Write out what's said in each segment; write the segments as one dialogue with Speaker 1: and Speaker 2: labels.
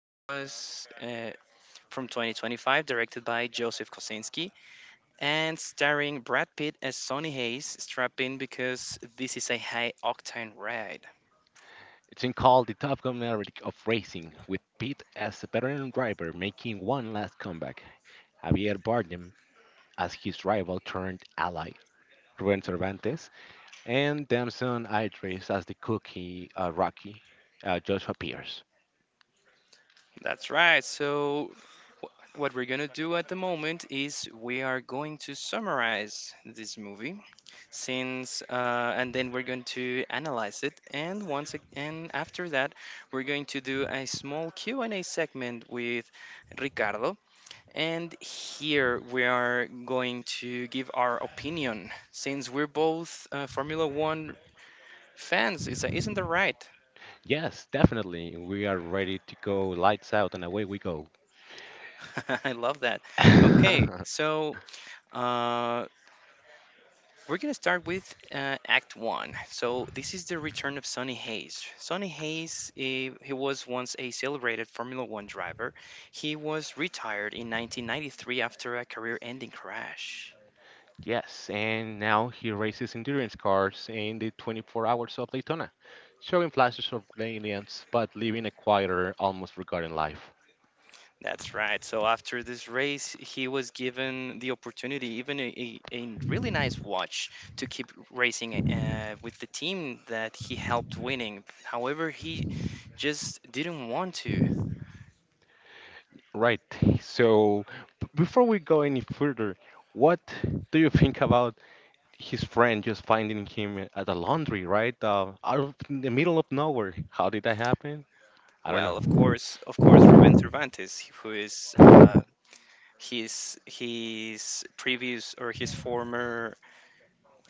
Speaker 1: It was from 2025, directed by Joseph Kosinski, and starring Brad Pitt as Sonny Hayes. Strap in because this is a high octane ride.
Speaker 2: It's been called the Top Gun Maverick of racing, with Pitt as a veteran driver making one last comeback, Javier Bardem as his rival turned ally, Ruben Cervantes, and Damson Idris as the cookie Rocky, Joshua Pierce.
Speaker 1: That's right. Wh- What we're gonna do at the moment is we are going to summarize this movie, since and then we're going to analyze it, and after that, we're going to do a small Q and A segment with Ricardo, and here we are going to give our opinion, since we're both Formula One fans. Isn't that right?
Speaker 2: Yes, definitely, we are ready to go lights out and away we go.
Speaker 1: I love that. Okay, so. Uh, We're going to start with Act One. So, this is the return of Sonny Hayes. Sonny Hayes, he was once a celebrated Formula One driver. He was retired in 1993 after a career ending crash.
Speaker 2: Yes, and now he races endurance cars in the 24 Hours of Daytona, showing flashes of brilliance but living a quieter, almost forgotten life.
Speaker 1: That's right. So, after this race, he was given the opportunity, even a really nice watch, to keep racing with the team that he helped winning. However, he just didn't want to.
Speaker 2: Right, so before we go any further, what do you think about his friend just finding him at the laundry, right? Out of in the middle of nowhere. How did that happen? I don't
Speaker 1: Well, of course, Ruben Cervantes, who is
Speaker 2: know.
Speaker 1: his previous or his former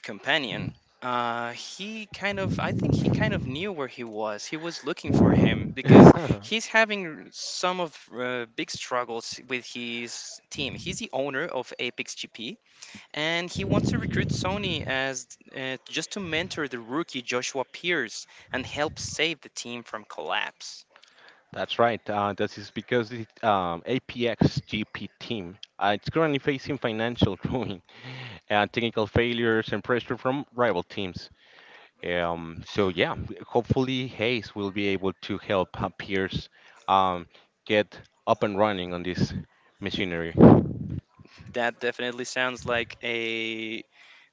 Speaker 1: companion. I think he kind of knew where he was. He was looking for him because he's having some of big struggles with his team. He's the owner of Apex GP, and he wants to recruit Sony as just to mentor the rookie Joshua Pierce and help save the team from collapse.
Speaker 2: That's right. This is because the APX team it's currently facing financial ruin, technical failures, and pressure from rival teams. So yeah, hopefully Hayes will be able to help Pierce, um, get up and running on this machinery.
Speaker 1: That definitely sounds like a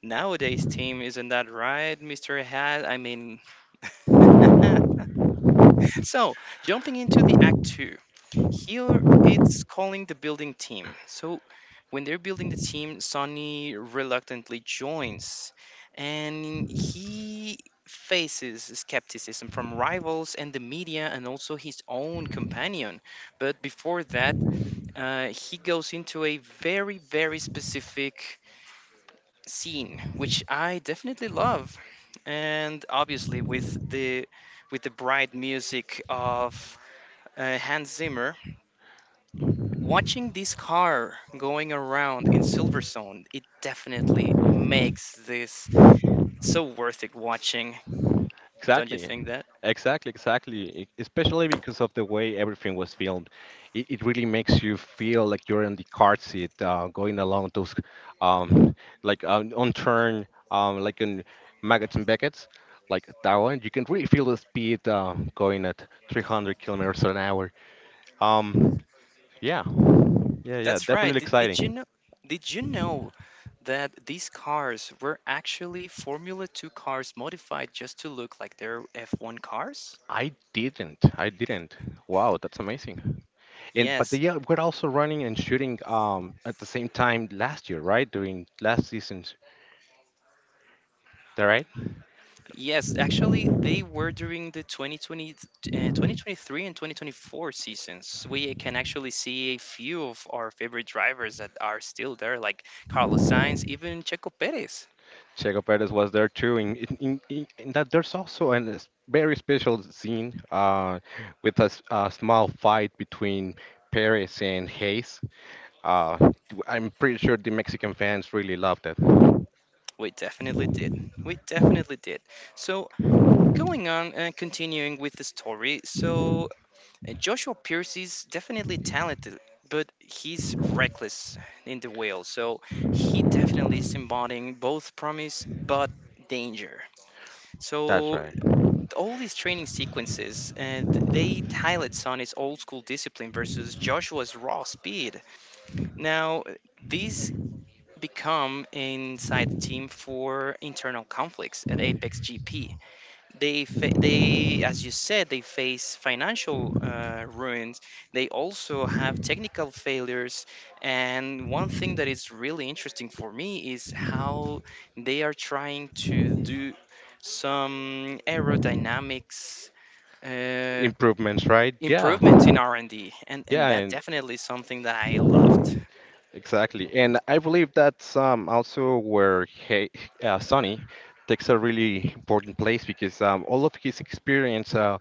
Speaker 1: nowadays team, isn't that right, Mr. Hat? I mean, so jumping into the act two, here it's calling the building team. So when they're building the team, Sonny reluctantly joins and he faces skepticism from rivals and the media and also his own companion. But before that, he goes into a very, very specific scene which I definitely love, and obviously with the bright music of Hans Zimmer, watching this car going around in Silverstone, it definitely makes this so worth it watching. Don't you
Speaker 2: Exactly.
Speaker 1: think that,
Speaker 2: Exactly, exactly. Especially because of the way everything was filmed, it really makes you feel like you're in the car seat, going along those, um, like on turn, like in Maggots and Beckett's, like that one. You can really feel the speed going at 300 kilometers an hour. Um, yeah, yeah, yeah.
Speaker 1: that's right?
Speaker 2: Definitely
Speaker 1: Did you
Speaker 2: exciting.
Speaker 1: know, did you know, that these cars were actually formula 2 cars modified just to look like they're F1 cars?
Speaker 2: I didn't. I didn't. Wow, that's amazing. And but
Speaker 1: Yes.
Speaker 2: they were also running and shooting at the same time last year, right? During last season's, that right?
Speaker 1: Yes, actually, they were during the 2020, 2023 and 2024 seasons. We can actually see a few of our favorite drivers that are still there, like Carlos Sainz, even Checo Perez.
Speaker 2: Checo Perez was there too. In that there's also an s very special scene with a, a small fight between Perez and Hayes. Uh, I'm pretty sure the Mexican fans really loved it.
Speaker 1: We definitely did. We definitely did. So, going on and continuing with the story, Joshua Pierce is definitely talented, but he's reckless in the wheel. So, he definitely is embodying both promise but danger.
Speaker 2: That's
Speaker 1: So
Speaker 2: right.
Speaker 1: all these training sequences they highlight Sonny's old school discipline versus Joshua's raw speed. Now these become inside the team for internal conflicts at Apex GP. They, as you said, they face financial ruins. They also have technical failures, and one thing that is really interesting for me is how they are trying to do some aerodynamics uh,
Speaker 2: Improvements, right? Yeah.
Speaker 1: improvements in R&D, and D, and
Speaker 2: Yeah,
Speaker 1: and that
Speaker 2: and.
Speaker 1: definitely is something that I loved.
Speaker 2: Exactly, and I believe that's also where he, Sonny takes a really important place because all of his experience uh,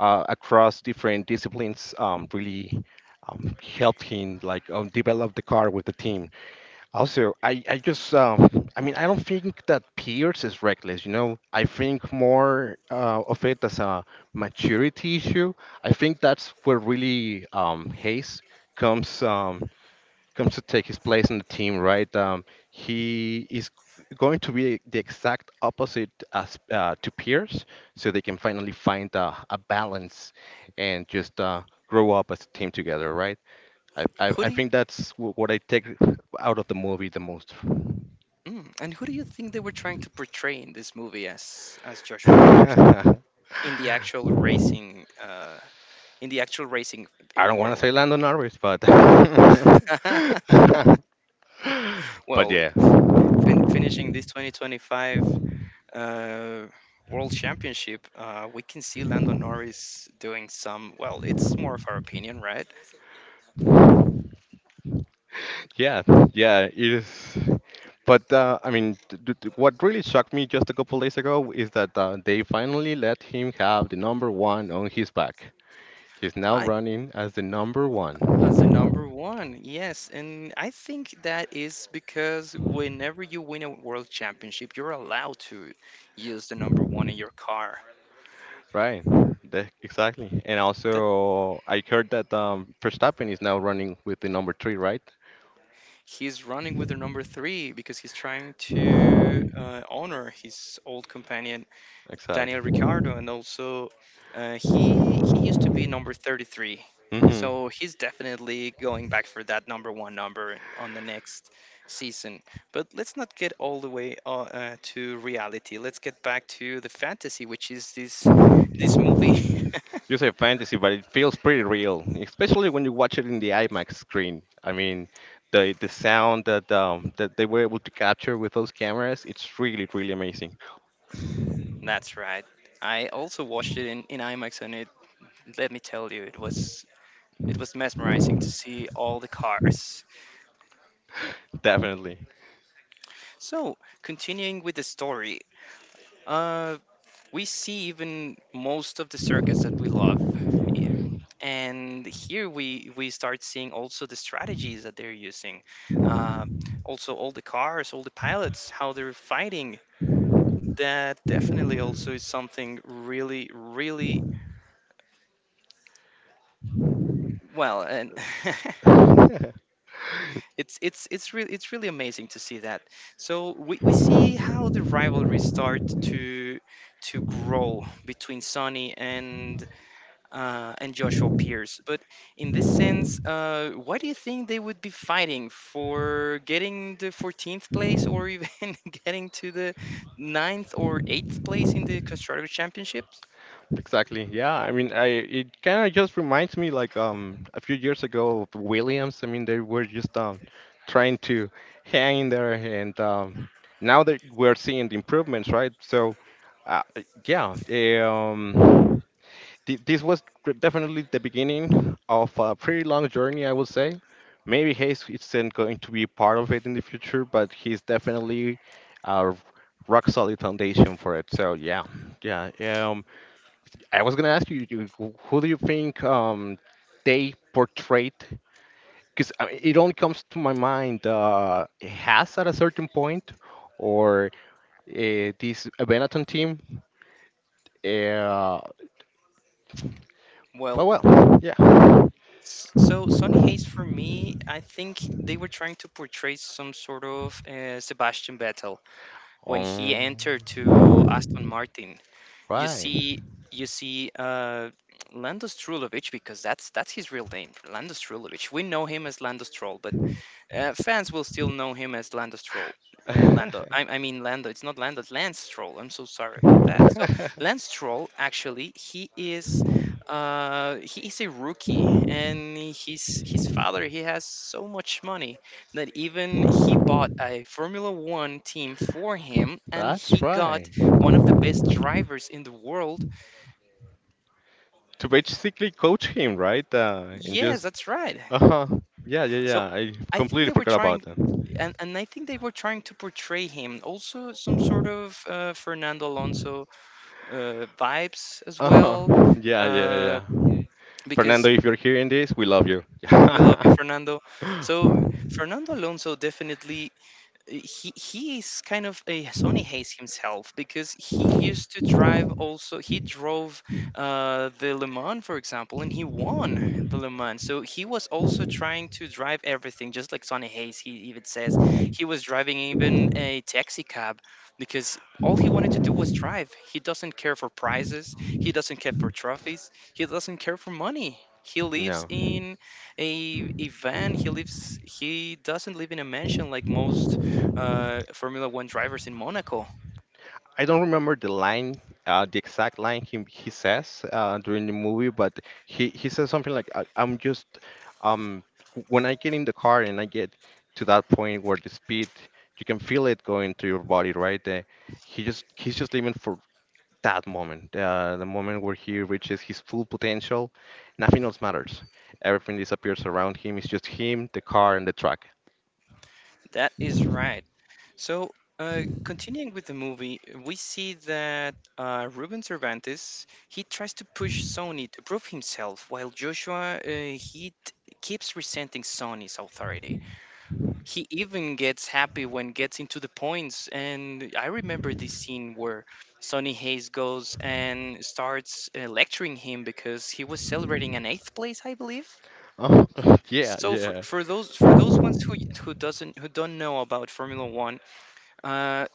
Speaker 2: uh, across different disciplines really helped him develop the car with the team. Also, I just I mean I don't think that Pierce is reckless. You know, I think more of it as a maturity issue. I think that's where really Hayes comes. Um, comes to take his place in the team, right? He is going to be the exact opposite as to Pierce, so they can finally find a balance and just grow up as a team together, right? I, I,
Speaker 1: Who
Speaker 2: I
Speaker 1: do you,
Speaker 2: think that's what I take out of the movie the most.
Speaker 1: who do you think they were trying to portray in this movie as Joshua Pierce in the actual racing uh, in the actual racing
Speaker 2: I don't want to
Speaker 1: world?
Speaker 2: say Lando Norris, but but
Speaker 1: Well,
Speaker 2: yeah.
Speaker 1: finishing this 2025 uh, World Championship, we can see Lando Norris doing some. Well, it's more of our opinion, right?
Speaker 2: Yeah, yeah, it is. But I mean, what really shocked me just a couple days ago is that they finally let him have the number one on his back. He's now
Speaker 1: I
Speaker 2: running as the number one.
Speaker 1: As the number one, yes. And I think that is because whenever you win a world championship, you're allowed to use the number one in your car.
Speaker 2: Right. Exactly. And
Speaker 1: That
Speaker 2: also, I heard that Verstappen is now running with the number three, right?
Speaker 1: he's running with the number three because he's trying to honor his old companion Daniel
Speaker 2: Exactly.
Speaker 1: Ricciardo, and also he used to be number 33.
Speaker 2: hmm
Speaker 1: So he's definitely going back for that number one number on the next season. But let's not get all the way to reality. Let's get back to the fantasy, which is this movie.
Speaker 2: You say fantasy, but it feels pretty real, especially when you watch it in the IMAX screen. I mean, the sound that that they were able to capture with those cameras, it's really really amazing.
Speaker 1: That's right. I also watched it in IMAX, and it, let me tell you, it was mesmerizing to see all the cars.
Speaker 2: Definitely.
Speaker 1: So, continuing with the story, uh, we see even most of the circuits that we love. Yeah. And here we start seeing also the strategies that they're using, uh, also all the cars, all the pilots, how they're fighting. That definitely also is something really, really well, and it's really amazing to see that. So we see how the rivalry start to to grow between Sony and Joshua Pierce. But in this sense, why do you think they would be fighting for getting the 14th place, or even getting to the ninth or 8th place in the Constructors' Championships?
Speaker 2: Exactly. Yeah. I mean, I it kind of just reminds me a few years ago of the Williams. I mean, they were just trying to hang in there, and now that we're seeing the improvements, right? So, uh, yeah. This was definitely the beginning of a pretty long journey, I would say. Maybe Hayes isn't going to be part of it in the future, but he's definitely a rock solid foundation for it. So yeah, yeah. Um, I was gonna ask you, who do you think they portrayed? Because it only comes to my mind Haas at a certain point, or this Benetton team. eh, Uh, but
Speaker 1: Well,
Speaker 2: well, yeah.
Speaker 1: so Sonny Hayes, for me, I think they were trying to portray some sort of Sebastian Vettel when he
Speaker 2: Um.
Speaker 1: entered to Aston Martin. you
Speaker 2: Right.
Speaker 1: see you see Lando Strulovic, because that's his real name, Lando Strulovic. We know him as Lando Stroll, but fans will still know him as Lando Stroll. Lando, I mean Lando. It's not Lando. It's Lance Stroll. I'm so sorry about that. So Lance Stroll, actually, he is a rookie, and his father, he has so much money that even he bought a Formula One team for him, and
Speaker 2: That's
Speaker 1: he got
Speaker 2: right.
Speaker 1: one of the best drivers in the world.
Speaker 2: To basically coach him, right? And
Speaker 1: Yes,
Speaker 2: just
Speaker 1: that's right.
Speaker 2: uh huh. Yeah, yeah, yeah.
Speaker 1: So
Speaker 2: I
Speaker 1: I think
Speaker 2: completely
Speaker 1: they were
Speaker 2: forgot about
Speaker 1: trying
Speaker 2: that.
Speaker 1: and I think they were trying to portray him also some sort of Fernando Alonso vibes as
Speaker 2: Uh huh.
Speaker 1: well,
Speaker 2: Yeah, yeah,
Speaker 1: uh,
Speaker 2: yeah.
Speaker 1: because
Speaker 2: Fernando, if you're hearing this, we love you.
Speaker 1: we love you, Fernando. So Fernando Alonso definitely, he is kind of a Sony hates himself, because he used to drive also, he drove the Le Mans, for example, and he won the Le Mans. So he was also trying to drive everything just like Sony Hayes. He even says he was driving even a taxi cab, because all he wanted to do was drive. He doesn't care for prizes, he doesn't care for trophies, he doesn't care for money. He lives
Speaker 2: No.
Speaker 1: in a van. He lives, he doesn't live in a mansion like most Formula One drivers in Monaco.
Speaker 2: I don't remember the line, the exact line he says during the movie, but he says something like, "I'm just, um, when I get in the car and I get to that point where the speed, you can feel it going through your body, right? He just he's just living for that moment, the moment where he reaches his full potential. Nothing else matters. Everything disappears around him. It's just him, the car, and the truck.
Speaker 1: That is right. So, continuing with the movie, we see that Ruben Cervantes, he tries to push Sony to prove himself, while Joshua keeps resenting Sony's authority. He even gets happy when gets into the points, and I remember this scene where Sonny Hayes goes and starts lecturing him because he was celebrating an eighth place, I believe.
Speaker 2: Oh, yeah,
Speaker 1: So for
Speaker 2: yeah.
Speaker 1: for those ones who doesn't who don't know about Formula One, uh,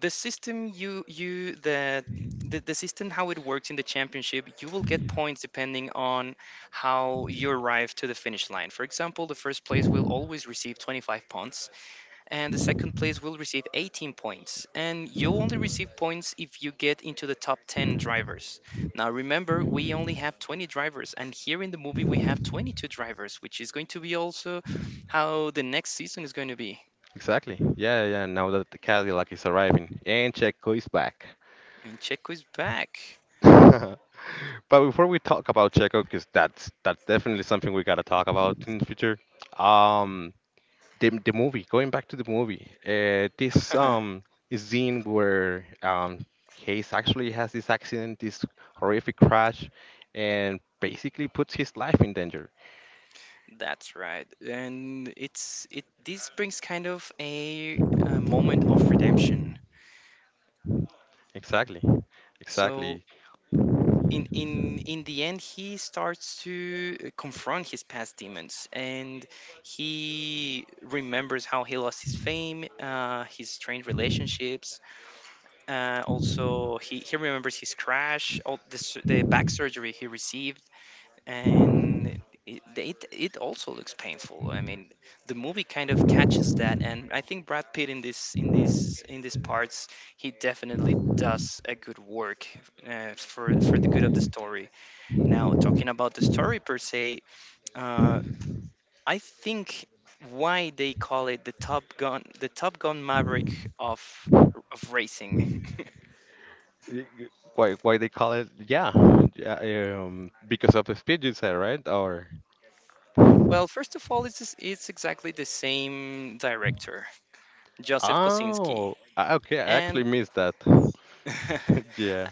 Speaker 1: the system you you the system how it works in the championship, you will get points depending on how you arrive to the finish line. For example, the first place will always receive 25 points, and the second place will receive 18 points. And you only receive points if you get into the top 10 drivers. Now, remember, we only have 20 drivers, and here in the movie, we have 22 drivers, which is going to be also how the next season is going to be.
Speaker 2: Exactly. Yeah, yeah, yeah, now that the Cadillac is arriving and Checo is back.
Speaker 1: And Checo is back.
Speaker 2: But before we talk about Checo, because that's definitely something we gotta talk about in the future. Um, the the movie. Going back to the movie. This Scene where Hayes actually has this accident, this horrific crash, and basically puts his life in danger.
Speaker 1: That's right, and it's it. This brings kind of a moment of redemption.
Speaker 2: Exactly.
Speaker 1: So
Speaker 2: Exactly.
Speaker 1: in the end he starts to confront his past demons, and he remembers how he lost his fame, his strained relationships, he remembers his crash, the back surgery he received, and it also looks painful. I mean, the movie kind of catches that, and I think Brad Pitt in this in this in these parts, he definitely does a good work for the good of the story. Now, talking about the story per se, uh, I think why they call it the Top Gun Maverick of of racing.
Speaker 2: Y- y- why they call it? Yeah, yeah, because of the speed you said, right? Or
Speaker 1: Well, first of all, it's exactly the same director, Joseph Kosinski,
Speaker 2: oh, ah, okay, I
Speaker 1: and.
Speaker 2: actually missed that. Yeah.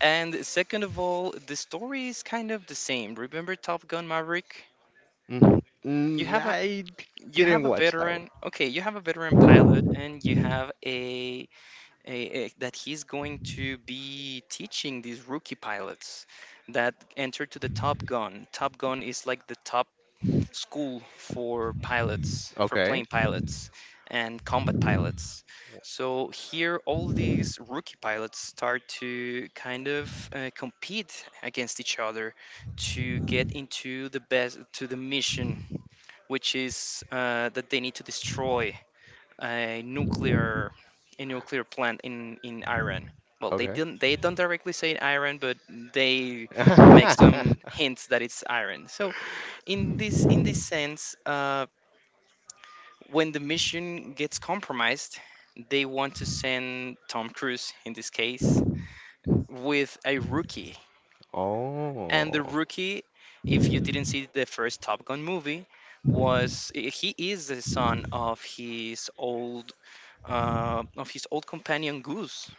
Speaker 1: And second of all, the story is kind of the same. Remember Top Gun Maverick?
Speaker 2: Mhm.
Speaker 1: You
Speaker 2: mm
Speaker 1: have a
Speaker 2: I d-
Speaker 1: you have
Speaker 2: didn't
Speaker 1: a
Speaker 2: watch that one.
Speaker 1: veteran. Okay, you have a veteran pilot, and you have a that he's going to be teaching these rookie pilots that enter to the Top Gun. Top Gun is like the top school for pilots, for
Speaker 2: Okay,
Speaker 1: plane pilots and combat pilots. So here, all these rookie pilots start to kind of compete against each other to get into the best, to the mission, which is that they need to destroy a nuclear a nuclear plant in Iran. Well,
Speaker 2: okay.
Speaker 1: they don't directly say Iran, but they make some hints that it's Iran. So in this sense, when the mission gets compromised, they want to send Tom Cruise in this case with a rookie, and the
Speaker 2: Oh.
Speaker 1: rookie, if you didn't see the first Top Gun movie, was he is the son of his old companion Goose.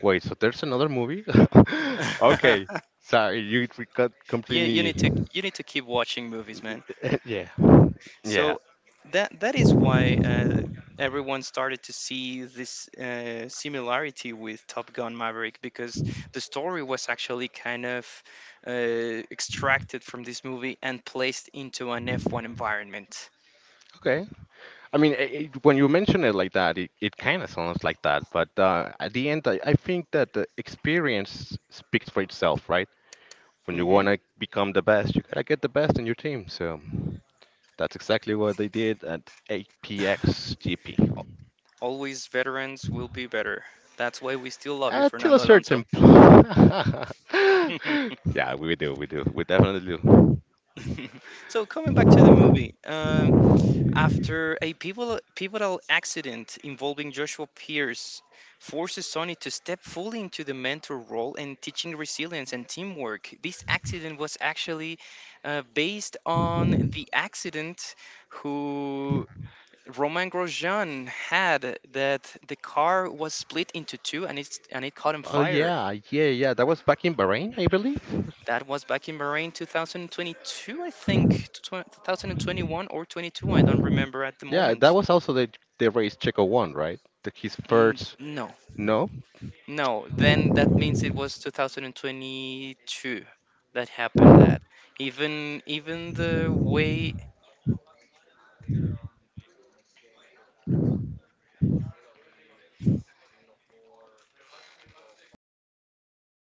Speaker 2: Wait, so there's another movie? Okay, sorry, you we got
Speaker 1: you you
Speaker 2: completely.
Speaker 1: need to you need to keep watching movies, man.
Speaker 2: Yeah, yeah.
Speaker 1: So that that is why everyone started to see this similarity with Top Gun Maverick, because the story was actually kind of extracted from this movie and placed into an F1 environment.
Speaker 2: Okay. I mean, I when you mention it like that, it kind of sounds like that. But at the end, I think that the experience speaks for itself, right? When you
Speaker 1: Hmm.
Speaker 2: want to become the best, you gotta get the best in your team. So that's exactly what they did at APXGP.
Speaker 1: Always veterans will be better. That's why we still love you,
Speaker 2: Till a
Speaker 1: Fernando Alonso.
Speaker 2: certain. Yeah, we definitely do.
Speaker 1: So coming back to the movie, um, after a pivotal accident involving Joshua Pierce forces Sony to step fully into the mentor role and teaching resilience and teamwork. This accident was actually based on the accident who Roman Grosjean had, that the car was split into two and it's and it caught on
Speaker 2: Oh
Speaker 1: fire.
Speaker 2: yeah, yeah, yeah. That was back in Bahrain, I believe.
Speaker 1: That was back in Bahrain 2022, I think, 2021 or 22. I don't remember at the
Speaker 2: Yeah, that
Speaker 1: moment.
Speaker 2: was also the race Checo won, right? His first
Speaker 1: No.
Speaker 2: no.
Speaker 1: No, then that means it was 2022 that happened that. Even the way
Speaker 2: The,